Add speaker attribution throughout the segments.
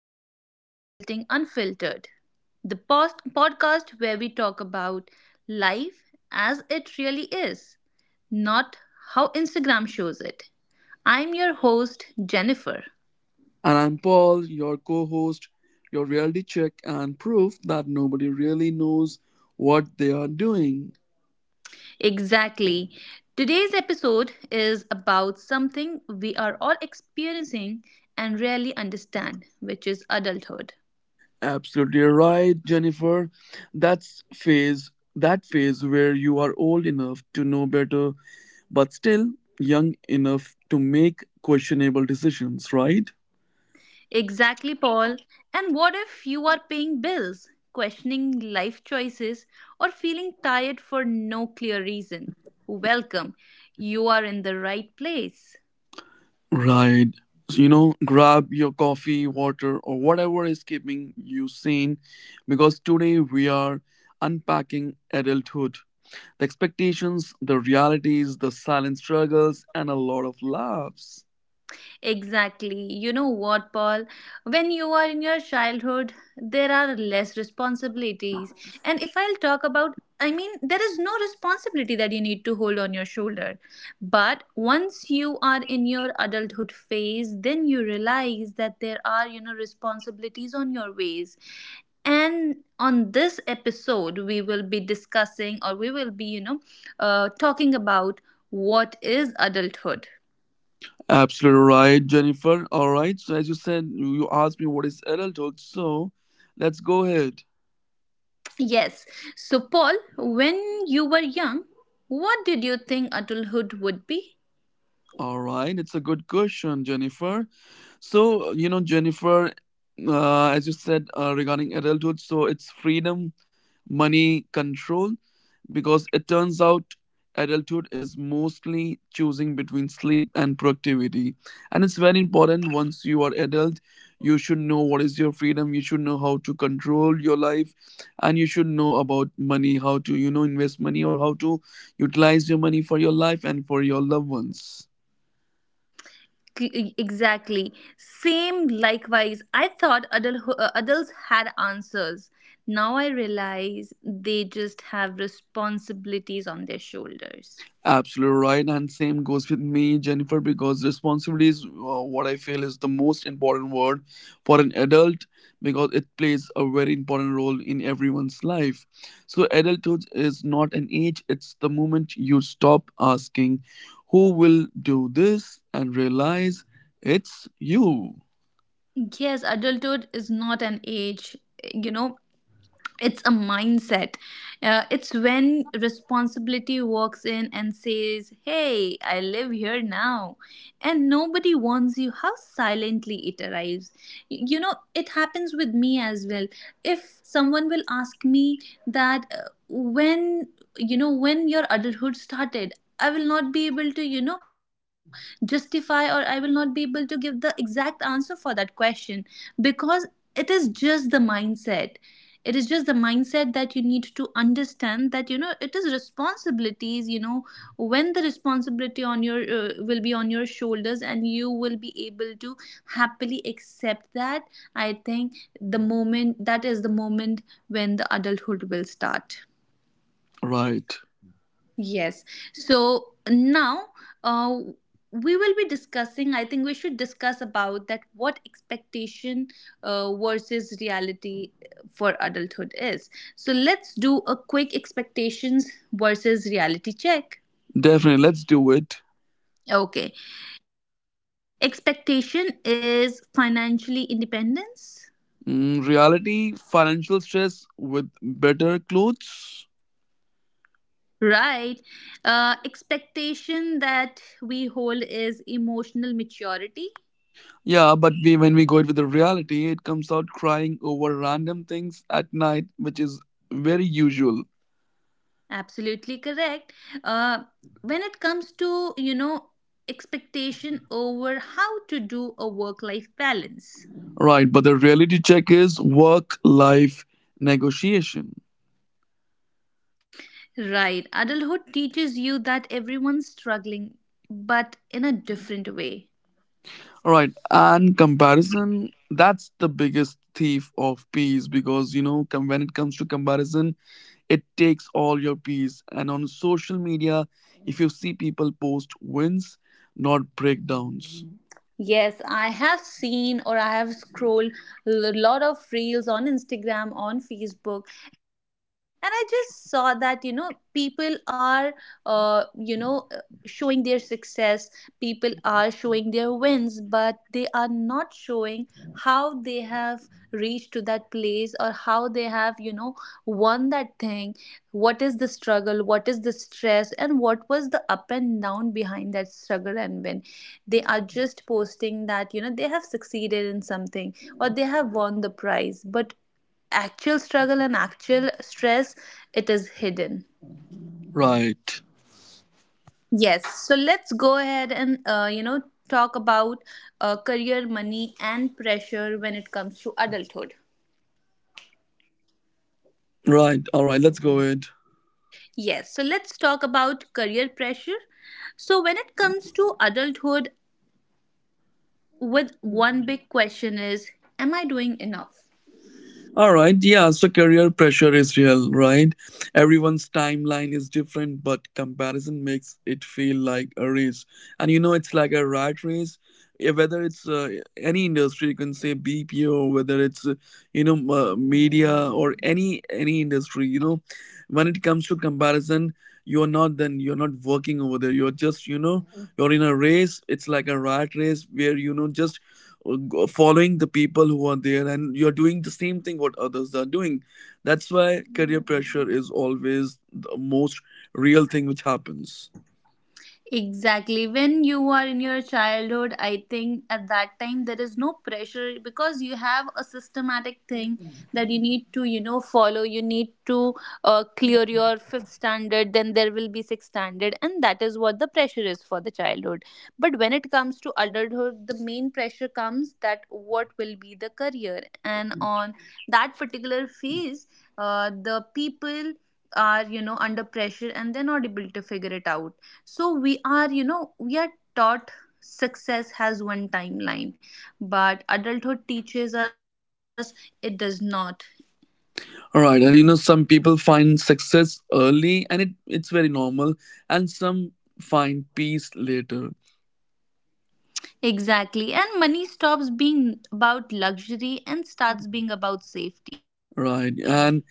Speaker 1: welcome to Adulting Unfiltered, the podcast where we talk about life as it really is, not how Instagram shows it. I'm your host, Jennifer.
Speaker 2: And I'm Paul, your co host, your reality check, and proof that nobody really knows what they are doing.
Speaker 1: Exactly. Today's episode is about something we are all experiencing and rarely understand, which is adulthood.
Speaker 2: Absolutely right, Jennifer. That phase where you are old enough to know better but still young enough to make questionable decisions, right?
Speaker 1: Exactly, Paul. And what if you are paying bills, questioning life choices, or feeling tired for no clear reason? Welcome. You are in the right place.
Speaker 2: Right. So grab your coffee, water, or whatever is keeping you sane because today we are unpacking adulthood. The expectations, the realities, the silent struggles, and a lot of laughs.
Speaker 1: Exactly. You know what, Paul? When you are in your childhood, there are less responsibilities. And if I'll talk about, I mean, there is no responsibility that you need to hold on your shoulder. But once you are in your adulthood phase, then you realize that there are, you know, responsibilities on your ways. And on this episode, we will be discussing, or we will be, you know, talking about what is adulthood.
Speaker 2: Absolutely right, Jennifer. All right. So, as you said, you asked me what is adulthood. So, let's go ahead.
Speaker 1: Yes. So, Paul, when you were young, what did you think adulthood would be?
Speaker 2: All right. It's a good question, Jennifer. So, you know, Jennifer, as you said, regarding adulthood, so it's freedom, money, control, because it turns out adulthood is mostly choosing between sleep and productivity. And it's very important, once you are adult, you should know what is your freedom, you should know how to control your life, and you should know about money, how to, you know, invest money or how to utilize your money for your life and for your loved ones.
Speaker 1: Exactly. Same, likewise. I thought adults had answers. Now I realize they just have responsibilities on their shoulders.
Speaker 2: Absolutely right, and same goes with me, Jennifer, because responsibility is, what I feel, is the most important word for an adult because it plays a very important role in everyone's life. So, adulthood is not an age, it's the moment you stop asking who will do this and realize it's you.
Speaker 1: Yes, adulthood is not an age. You know, it's a mindset. It's when responsibility walks in and says, hey, I live here now, and nobody warns you how silently it arrives. You know, it happens with me as well. If someone will ask me that when, you know, when your adulthood started, I will not be able to, you know, justify, or I will not be able to give the exact answer for that question, because it is just the mindset. It is just the mindset that you need to understand, that, you know, it is responsibilities, you know, when the responsibility on your will be on your shoulders, and you will be able to happily accept that. I think the moment, that is the moment when the adulthood will start.
Speaker 2: Right,
Speaker 1: Yes. So now, uh, we will be discussing, I think we should discuss about that what expectation versus reality for adulthood is. So let's do a quick expectations versus reality check.
Speaker 2: definitely, let's do it.
Speaker 1: Okay. Expectation is financially independence.
Speaker 2: Mm, reality, financial stress with better clothes.
Speaker 1: Right. Expectation that we hold is emotional maturity.
Speaker 2: Yeah, but we, when we go it with the reality, it comes out crying over random things at night, which is very usual.
Speaker 1: Absolutely correct. Uh, when it comes to, you know, expectation over how to do a work life balance,
Speaker 2: Right, but the reality check is work life negotiation.
Speaker 1: right? Adulthood teaches you that everyone's struggling, but in a different way.
Speaker 2: All right, and comparison, that's the biggest thief of peace because you know, when it comes to comparison, it takes all your peace. And on social media, if you see, people post wins, not breakdowns.
Speaker 1: Yes, I have seen, or I have scrolled a lot of reels on Instagram, on Facebook, and I just saw that, you know, people are, showing their success, people are showing their wins, but they are not showing how they have reached to that place, or how they have, you know, won that thing. What is the struggle, what is the stress, and what was the up and down behind that struggle and win? They are just posting that, you know, they have succeeded in something, or they have won the prize, but actual struggle and actual stress, it is hidden.
Speaker 2: Right,
Speaker 1: Yes, so let's go ahead and, you know, talk about career, money, and pressure when it comes to adulthood.
Speaker 2: right, all right, let's go ahead.
Speaker 1: Yes, so let's talk about career pressure. So when it comes to adulthood, with one big question is, am I doing enough?
Speaker 2: All right, yeah, so career pressure is real, right? Everyone's timeline is different, but comparison makes it feel like a race. And you know, it's like a rat race. Whether it's any industry, you can say BPO, whether it's you know, media or any industry, you know, when it comes to comparison, you're not working over there. You're just, you know, you're in a race. It's like a rat race where you know, just uh, following the people who are there and you're doing the same thing what others are doing. That's why career pressure is always the most real thing which happens.
Speaker 1: Exactly, when you are in your childhood, I think at that time there is no pressure, because you have a systematic thing that you need to, you know, follow. You need to clear your fifth standard, then there will be sixth standard, and that is what the pressure is for the childhood. But when it comes to adulthood, the main pressure comes that what will be the career, and on that particular phase, the people are, you know, under pressure, and they're not able to figure it out. So we are, you know, we are taught success has one timeline, but adulthood teaches us it does not.
Speaker 2: All right, and you know, some people find success early and it's very normal, and some find peace later.
Speaker 1: Exactly, and money stops being about luxury and starts being about safety.
Speaker 2: Right, and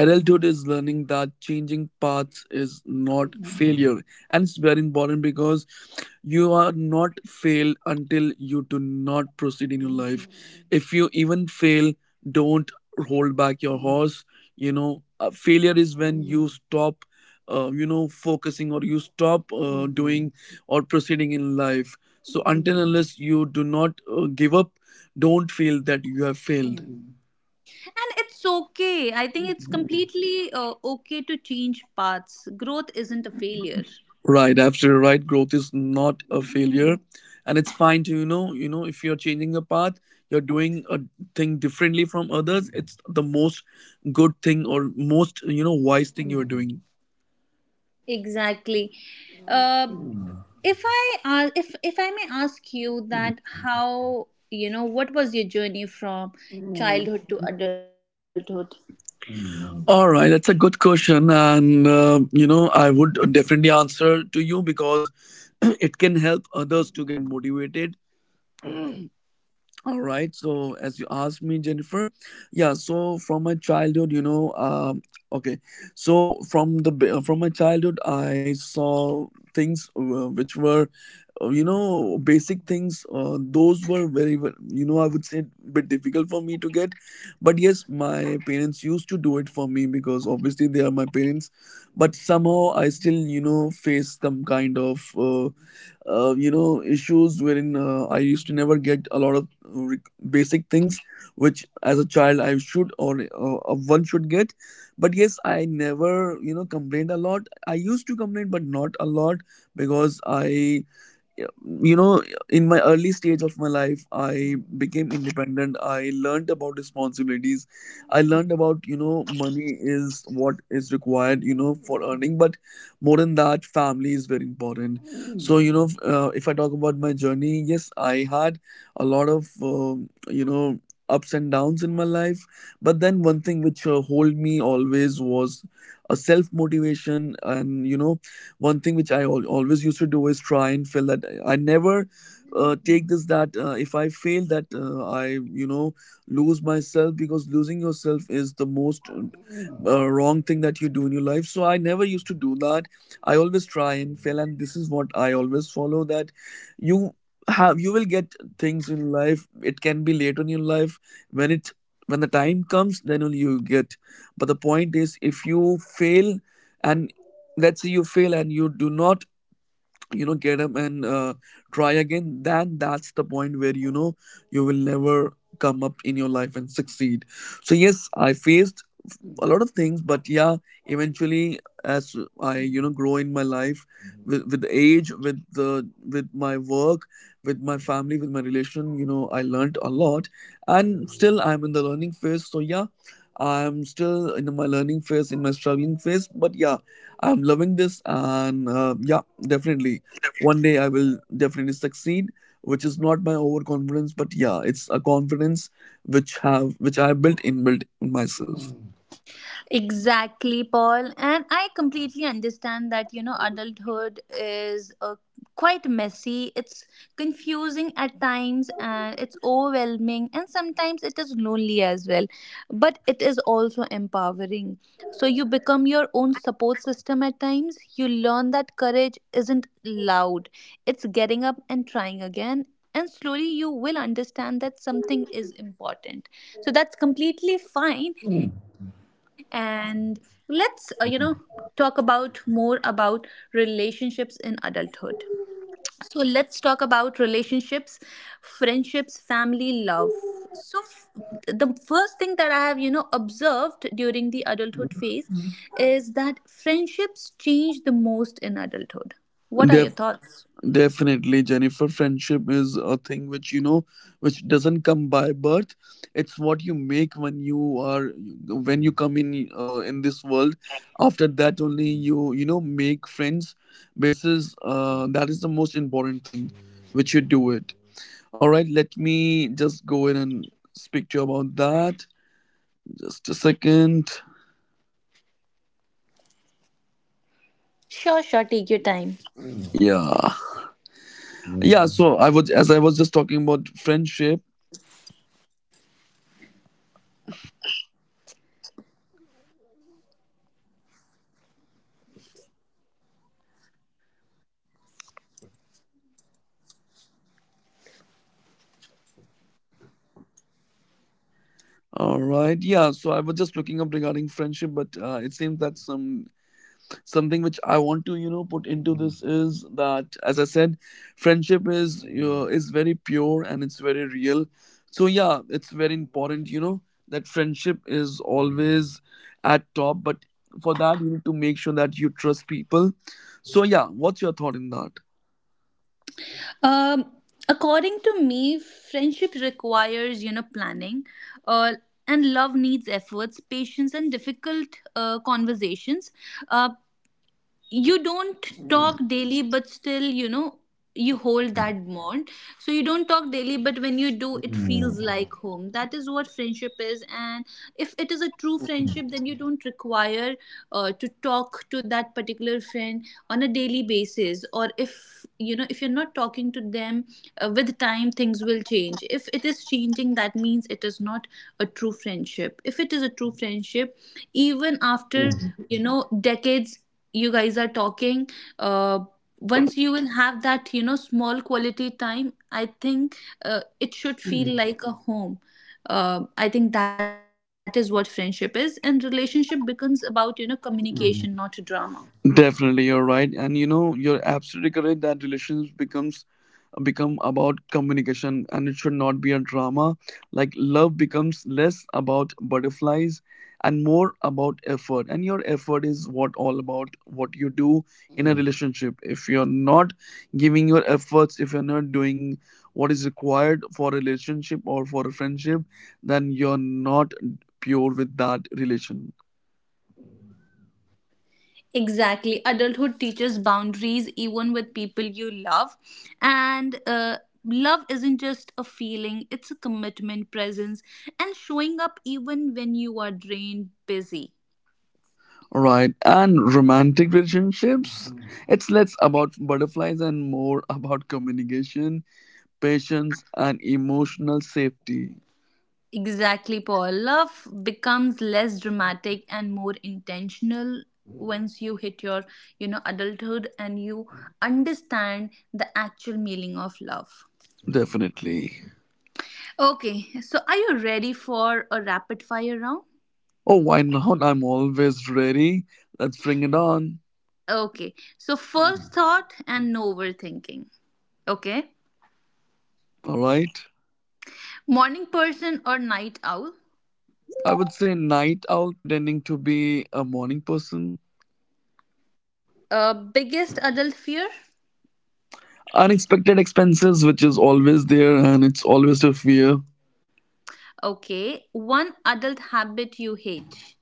Speaker 2: adulthood is learning that changing paths is not failure, and it's very important because you are not failed until you do not proceed in your life. If you even fail, don't hold back your horse. You know, failure is when you stop you know, focusing or you stop doing or proceeding in life. So until unless you do not give up, don't feel that you have failed.
Speaker 1: And it's okay, I think it's completely okay to change paths. Growth isn't a failure.
Speaker 2: Right, absolutely right. Growth is not a failure, and it's fine to, you know, if you're changing a path, you're doing a thing differently from others. It's the most good thing, or most, you know, wise thing you're doing.
Speaker 1: Exactly. Uh, if I may ask you that how, you know, what was your journey from childhood to adulthood?
Speaker 2: All right, that's a good question, and you know, I would definitely answer to you because it can help others to get motivated. All right. So as you asked me, Jennifer, yeah. So from my childhood, you know, okay. So from from my childhood, I saw things which were, you know, basic things. Those were very, you know, I would say a bit difficult for me to get, but yes, my parents used to do it for me because obviously they are my parents. But somehow I still, you know, face some kind of. You know, issues wherein I used to never get a lot of re- basic things which, as a child, I should, or one should get. But yes, I never, you know, complained a lot. I used to complain, but not a lot, because I, you know, in my early stage of my life, I became independent. I learned about responsibilities. I learned about, you know, money is what is required, you know, for earning, but more than that, family is very important. So you know, if I talk about my journey, yes, I had a lot of you know, ups and downs in my life. But then one thing which hold me always was a self motivation. And you know, one thing which I always used to do is try and feel that I never take this that if I fail, that I, you know, lose myself, because losing yourself is the most wrong thing that you do in your life. So I never used to do that. I always try and fail, and this is what I always follow, that you have, you will get things in life. It can be later in your life, when it when the time comes, then only you get. But the point is if you fail, and let's say you fail and you do not, you know, get up and try again, then that's the point where you know, you will never come up in your life and succeed. So yes, I faced a lot of things, but yeah, eventually as I, you know, grow in my life, with age, with my work, with my family, with my relation, you know, I learned a lot, and still I'm in the learning phase. So yeah, I'm still in my learning phase, in my struggling phase, but yeah, I'm loving this, and yeah, definitely one day I will definitely succeed, which is not my overconfidence, but yeah, it's a confidence which I have built inbuilt in myself.
Speaker 1: Exactly, Paul. And I completely understand that, you know, adulthood is a quite messy, it's confusing at times, and it's overwhelming, and sometimes it is lonely as well. But it is also empowering. So you become your own support system at times. You learn that courage isn't loud, it's getting up and trying again. And slowly you will understand that something is important. So that's completely fine. And let's, you know, talk about more about relationships in adulthood. So let's talk about relationships, friendships, family, love. So the first thing that I have, you know, observed during the adulthood phase is that friendships change the most in adulthood. What are your
Speaker 2: Def-
Speaker 1: thoughts?
Speaker 2: definitely, Jennifer, friendship is a thing which, you know, which doesn't come by birth. It's what you make when you come in, in this world. After that, only you, you know, make friends. Basis, that is the most important thing, which you do it. All right, let me just go in and speak to you about that. Just a second.
Speaker 1: Sure, sure, take your time.
Speaker 2: Yeah. Yeah, so I was, as I was just talking about friendship. All right. Yeah, so I was just looking up regarding friendship, but it seems that some, something which I want to, you know, put into this is that, as I said, friendship is very pure and it's very real. So yeah, it's very important, you know, that friendship is always at top. But for that, you need to make sure that you trust people. So yeah, what's your thought in that?
Speaker 1: Um, according to me, friendship requires, you know, planning, uh, and love needs efforts, patience, and difficult conversations. Uh, you don't talk daily, but still, you know, you hold that bond. So you don't talk daily, but when you do, it feels like home. That is what friendship is. And if it is a true friendship, then you don't require to talk to that particular friend on a daily basis. Or if, you know, if you're not talking to them, with time, things will change. If it is changing, that means it is not a true friendship. If it is a true friendship, even after, you know, decades, you guys are talking, uh, once you will have that, you know, small quality time, I think it should feel like a home. Uh, I think that is what friendship is. And relationship becomes about, you know, communication, not drama.
Speaker 2: Definitely, you're right, and you know, you're absolutely correct that relations become about communication and it should not be a drama. Like love becomes less about butterflies and more about effort, and your effort is what all about what you do in a relationship. If you're not giving your efforts, if you're not doing what is required for a relationship or for a friendship, then you're not pure with that relation.
Speaker 1: Exactly. Adulthood teaches boundaries even with people you love. And love isn't just a feeling, it's a commitment, presence, and showing up even when you are drained, busy.
Speaker 2: Right? And romantic relationships, it's less about butterflies and more about communication, patience, and emotional safety.
Speaker 1: Exactly, Paul. Love becomes less dramatic and more intentional once you hit your, you know, adulthood and you understand the actual meaning of love.
Speaker 2: Definitely.
Speaker 1: Okay, so are you ready for a rapid fire round?
Speaker 2: Oh, why not? I'm always ready. Let's bring it on.
Speaker 1: Okay, so first thought and no overthinking. Okay,
Speaker 2: All right.
Speaker 1: morning person or night owl?
Speaker 2: I would say night owl pretending to be a morning person.
Speaker 1: Biggest adult fear?
Speaker 2: Unexpected expenses, which is always there and it's always a fear.
Speaker 1: Okay, one adult habit you hate.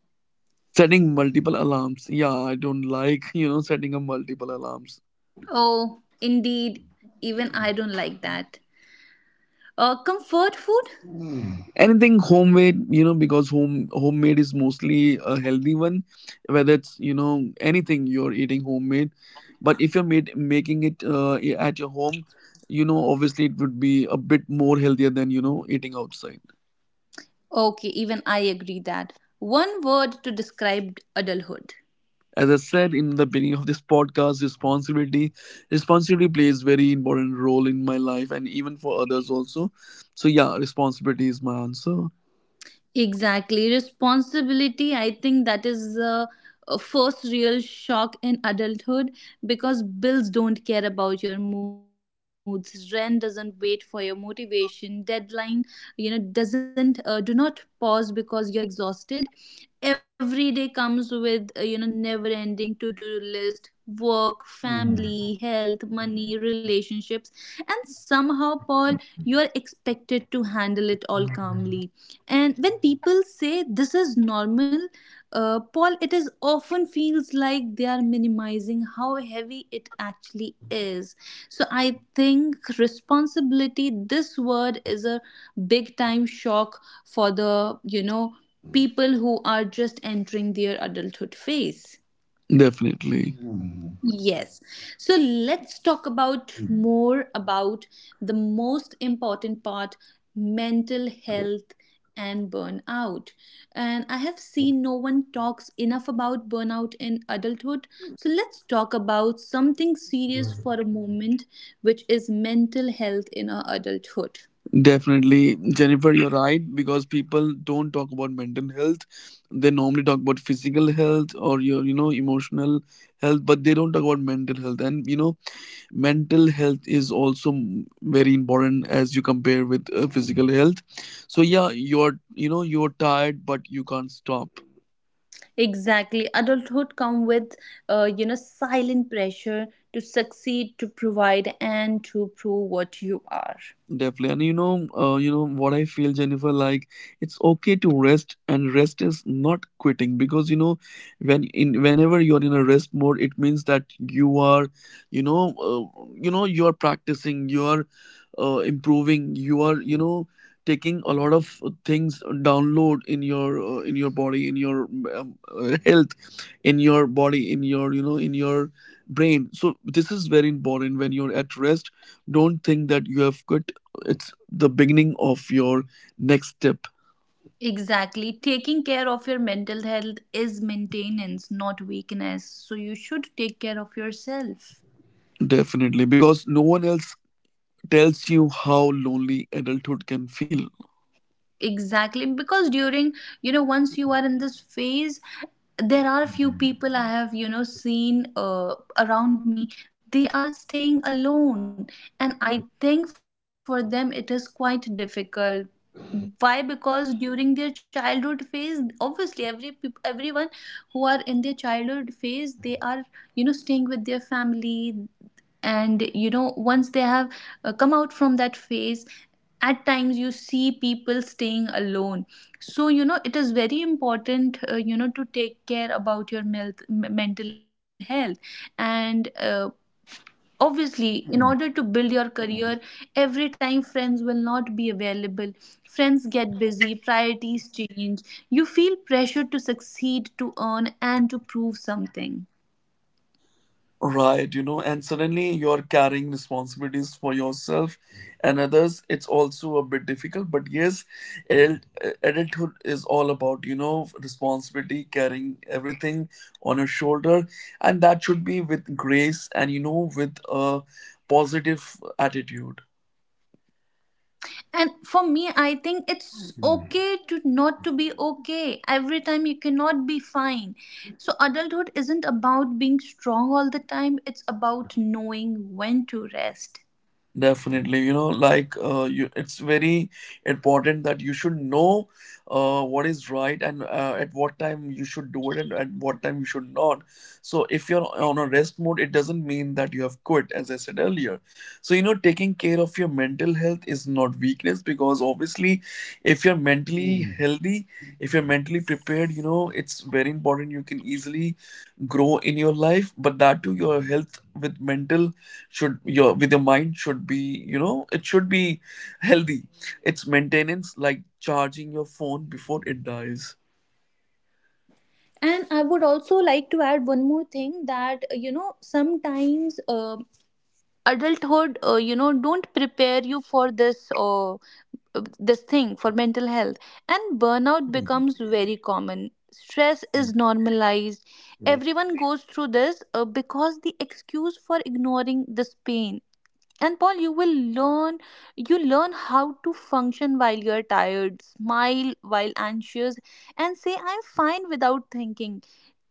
Speaker 2: Setting multiple alarms. Yeah, I don't like, you know, setting up multiple alarms.
Speaker 1: Oh, indeed. Even I don't like that. Comfort food?
Speaker 2: Anything homemade, you know, because homemade is mostly a healthy one. Whether it's, you know, anything you're eating homemade, but if you're making it at your home, you know, obviously it would be a bit more healthier than, you know, eating outside.
Speaker 1: Okay, even I agree that. One word to describe adulthood.
Speaker 2: As I said in the beginning of this podcast, Responsibility plays very important role in my life, and even for others also. So yeah, responsibility is my answer.
Speaker 1: Exactly. Responsibility, I think that is the first real shock in adulthood, because bills don't care about your moods, rent doesn't wait for your motivation, deadline, you know, doesn't, do not pause because you're exhausted. Every day comes with you know, never ending to do list. Work, family, health, money, relationships, and somehow, Paul, you are expected to handle it all calmly. And when people say this is normal, Paul, it is often feels like they are minimizing how heavy it actually is. So I think responsibility, this word is a big time shock for the, you know, people who are just entering their adulthood phase.
Speaker 2: Definitely.
Speaker 1: Yes, so let's talk about more about the most important part, mental health and burnout. And I have seen no one talks enough about burnout in adulthood. So let's talk about something serious for a moment, which is mental health in our adulthood.
Speaker 2: Definitely, Jennifer, you're right, because people don't talk about mental health. They normally talk about physical health or your, you know, emotional health, but they don't talk about mental health. And you know, mental health is also very important as you compare with physical health. So yeah, you're, you know, you're tired, but you can't stop.
Speaker 1: Exactly. Adulthood come with, you know, silent pressure to succeed, to provide, and to prove what you are.
Speaker 2: Definitely, and you know what I feel, Jennifer. Like it's okay to rest, and rest is not quitting because when in whenever you're in a rest mode, it means that you are, you're practicing, you are improving, you are, you know, taking a lot of things download in your body, in your health, in your body, in your brain. So this is very important. When you're at rest, don't think that you have quit. It's the beginning of your next step.
Speaker 1: Exactly. Taking care of your mental health is maintenance, not weakness. So you should take care of yourself.
Speaker 2: Definitely, because no one else tells you how lonely adulthood can feel.
Speaker 1: Exactly, because during, once you are in this phase, there are few people I have, seen around me. They are staying alone, and I think for them it is quite difficult. Why? Because during their childhood phase, obviously everyone who are in their childhood phase, they are, staying with their family. And once they have come out from that phase, at times you see people staying alone. So it is very important to take care about your mental health. And obviously, in order to build your career, every time friends will not be available. Friends get busy, priorities change, you feel pressure to succeed, to earn, and to prove something.
Speaker 2: Right. You know, and suddenly you're carrying responsibilities for yourself and others. It's also a bit difficult, but yes, adult, adulthood is all about, you know, responsibility, carrying everything on your shoulder, and that should be with grace and, you know, with a positive attitude.
Speaker 1: And for me, I think it's okay to not to be okay. Every time you cannot be fine. So adulthood isn't about being strong all the time, it's about knowing when to rest.
Speaker 2: Definitely, it's very important that you should know what is right and at what time you should do it and at what time you should not. So, if you're on a rest mode, it doesn't mean that you have quit, as I said earlier. So, you know, taking care of your mental health is not weakness, because obviously, if you're mentally healthy, if you're mentally prepared, you know, it's very important. You can easily grow in your life, but that too, your health with mental should, your with your mind should be, you know, it should be healthy. It's maintenance, like charging your phone before it dies.
Speaker 1: And I would also like to add one more thing, that sometimes adulthood, don't prepare you for this, or this thing for mental health. And burnout becomes very common, stress is normalized, everyone goes through this, because the excuse for ignoring this pain. And Paul, you will learn, you learn how to function while you're tired, smile while anxious, and say I'm fine without thinking.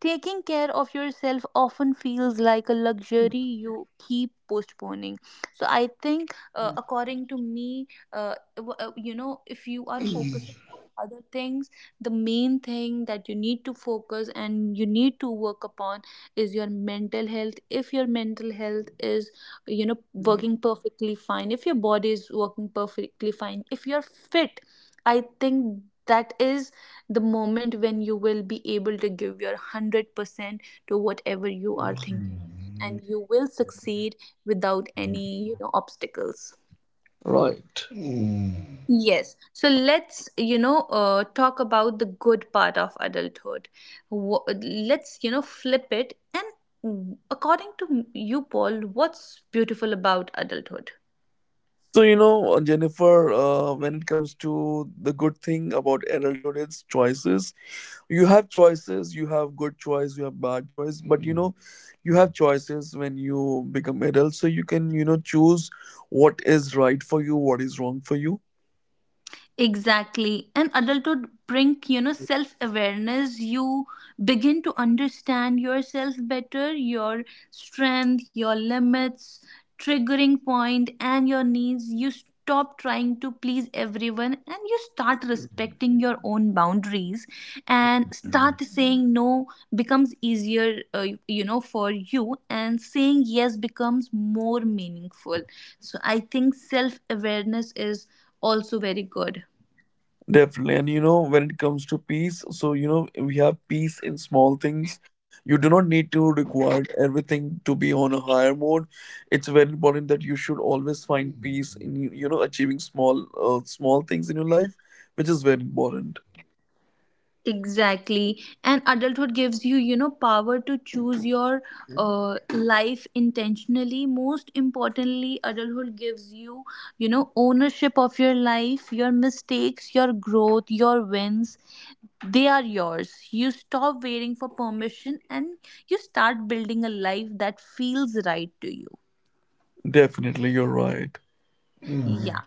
Speaker 1: Taking care of yourself often feels like a luxury you keep postponing. So I think according to me, if you are focusing on other things, the main thing that you need to focus and you need to work upon is your mental health. If your mental health is, working perfectly fine, if your body is working perfectly fine, if you're fit, I think that is the moment when you will be able to give your 100% to whatever you are thinking, and you will succeed without any, obstacles.
Speaker 2: Right.
Speaker 1: Yes. So let's, talk about the good part of adulthood. Let's, flip it. And according to you, Paul, what's beautiful about adulthood?
Speaker 2: So, Jennifer, when it comes to the good thing about adulthood, it's choices. You have choices, you have good choice, you have bad choice, but, you know, you have choices when you become adult, so you can, you know, choose what is right for you, what is wrong for you.
Speaker 1: Exactly. And adulthood bring, self-awareness. You begin to understand yourself better, your strength, your limits, triggering point, and your needs. You stop trying to please everyone and you start respecting your own boundaries, and start saying no becomes easier, for you, and saying yes becomes more meaningful. So I think self awareness is also very good.
Speaker 2: Definitely. And you know, when it comes to peace, so, you know, we have peace in small things. You do not need to require everything to be on a higher mode. It's very important that you should always find peace in, you know, achieving small small things in your life, which is very important.
Speaker 1: Exactly. And adulthood gives you, you know, power to choose your life intentionally. Most importantly, adulthood gives you, you know, ownership of your life, your mistakes, your growth, your wins. They are yours. You stop waiting for permission and you start building a life that feels right to you.
Speaker 2: Definitely, you're right.
Speaker 1: Yeah.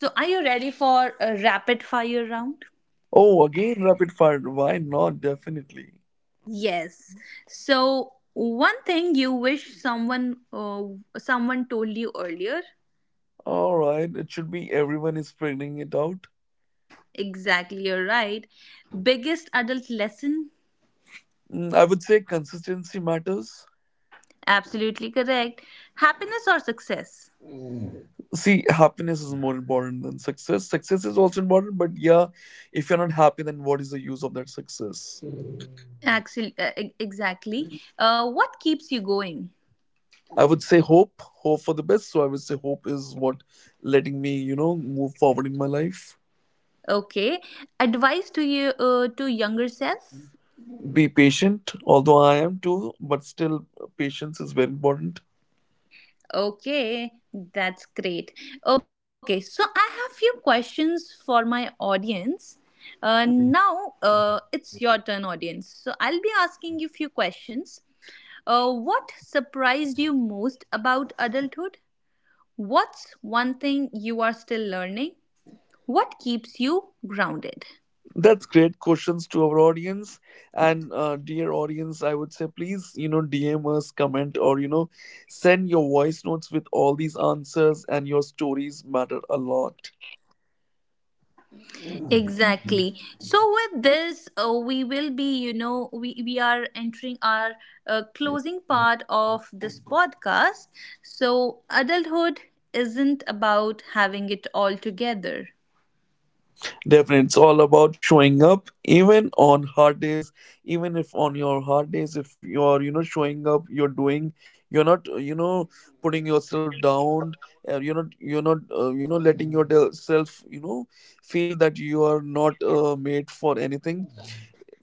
Speaker 1: So, are you ready for a rapid fire round?
Speaker 2: Oh, again, rapid fire. Why not? Definitely.
Speaker 1: Yes. So, one thing you wish someone someone told you earlier.
Speaker 2: All right. It should be everyone is figuring it out.
Speaker 1: Exactly, you're right. Biggest adult lesson.
Speaker 2: Mm, I would say consistency matters.
Speaker 1: Absolutely correct. Happiness or success?
Speaker 2: See, happiness is more important than success. Success is also important, but yeah, if you're not happy, then what is the use of that success?
Speaker 1: Actually, exactly. What keeps you going?
Speaker 2: I would say hope. Hope for the best. So I would say hope is what letting me, you know, move forward in my life.
Speaker 1: Okay. Advice to you, to younger self.
Speaker 2: Be patient. Although I am, too, but still, patience is very important.
Speaker 1: Okay, that's great. Okay, so I have few questions for my audience. Now it's your turn, audience. So I'll be asking you few questions. What surprised you most about adulthood? What's one thing you are still learning? What keeps you grounded?
Speaker 2: That's great questions to our audience. And dear audience, I would say please, you know, DM us, comment, or, you know, send your voice notes with all these answers, and your stories matter a lot.
Speaker 1: Exactly. So with this, we will be, we are entering our closing part of this podcast. So adulthood isn't about having it all together.
Speaker 2: Definitely, it's all about showing up, even on hard days. Even if on your hard days, if you're, you know, showing up, you're doing, you're not, you know, putting yourself down, you're not, you know, letting yourself, you know, feel that you are not made for anything.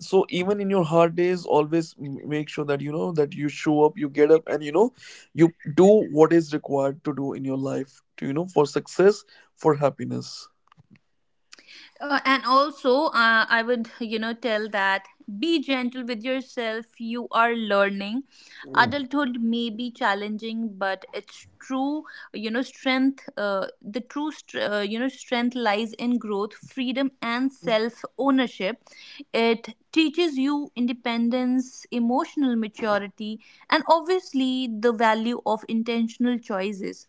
Speaker 2: So even in your hard days, always make sure that you know that you show up, you get up, and, you know, you do what is required to do in your life, to, you know, for success, for happiness.
Speaker 1: And also, I would, tell that be gentle with yourself. You are learning. Adulthood may be challenging, but it's true, strength, the true, strength lies in growth, freedom, and self ownership. It teaches you independence, emotional maturity, and obviously the value of intentional choices.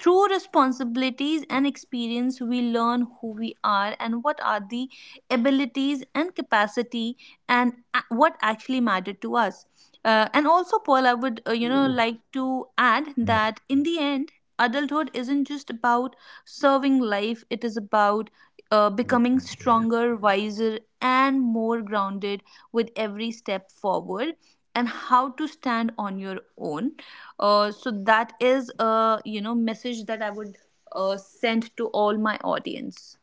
Speaker 1: Through responsibilities and experience, we learn who we are and what are the abilities and capacity, and what actually matter to us. And also, Paul, I would, like to add that in the end, adulthood isn't just about serving life; it is about becoming stronger, wiser, and more grounded with every step forward, and how to stand on your own. So that is a, message that I would send to all my audience.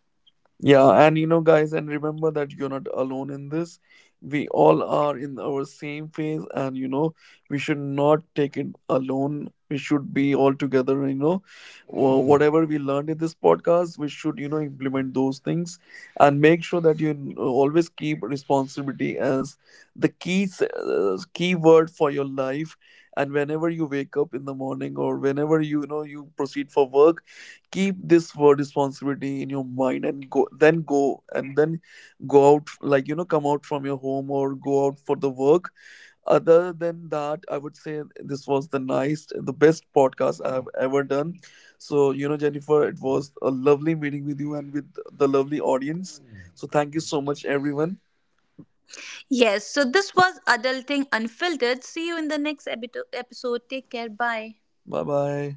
Speaker 2: Yeah, and you know, guys, and remember that you're not alone in this. We all are in our same phase, and you know, we should not take it alone. We should be all together, you know. Whatever we learned in this podcast, we should, you know, implement those things and make sure that you always keep responsibility as the key, key word for your life. And whenever you wake up in the morning or whenever you, you know, you proceed for work, keep this word responsibility in your mind and go, and then go out, like, you know, come out from your home or go out for the work. Other than that, I would say this was the best podcast I've ever done. So, you know, Jennifer, it was a lovely meeting with you and with the lovely audience. So thank you so much, everyone.
Speaker 1: Yes, so this was Adulting Unfiltered. See you in the next episode. Take care. Bye.
Speaker 2: Bye bye.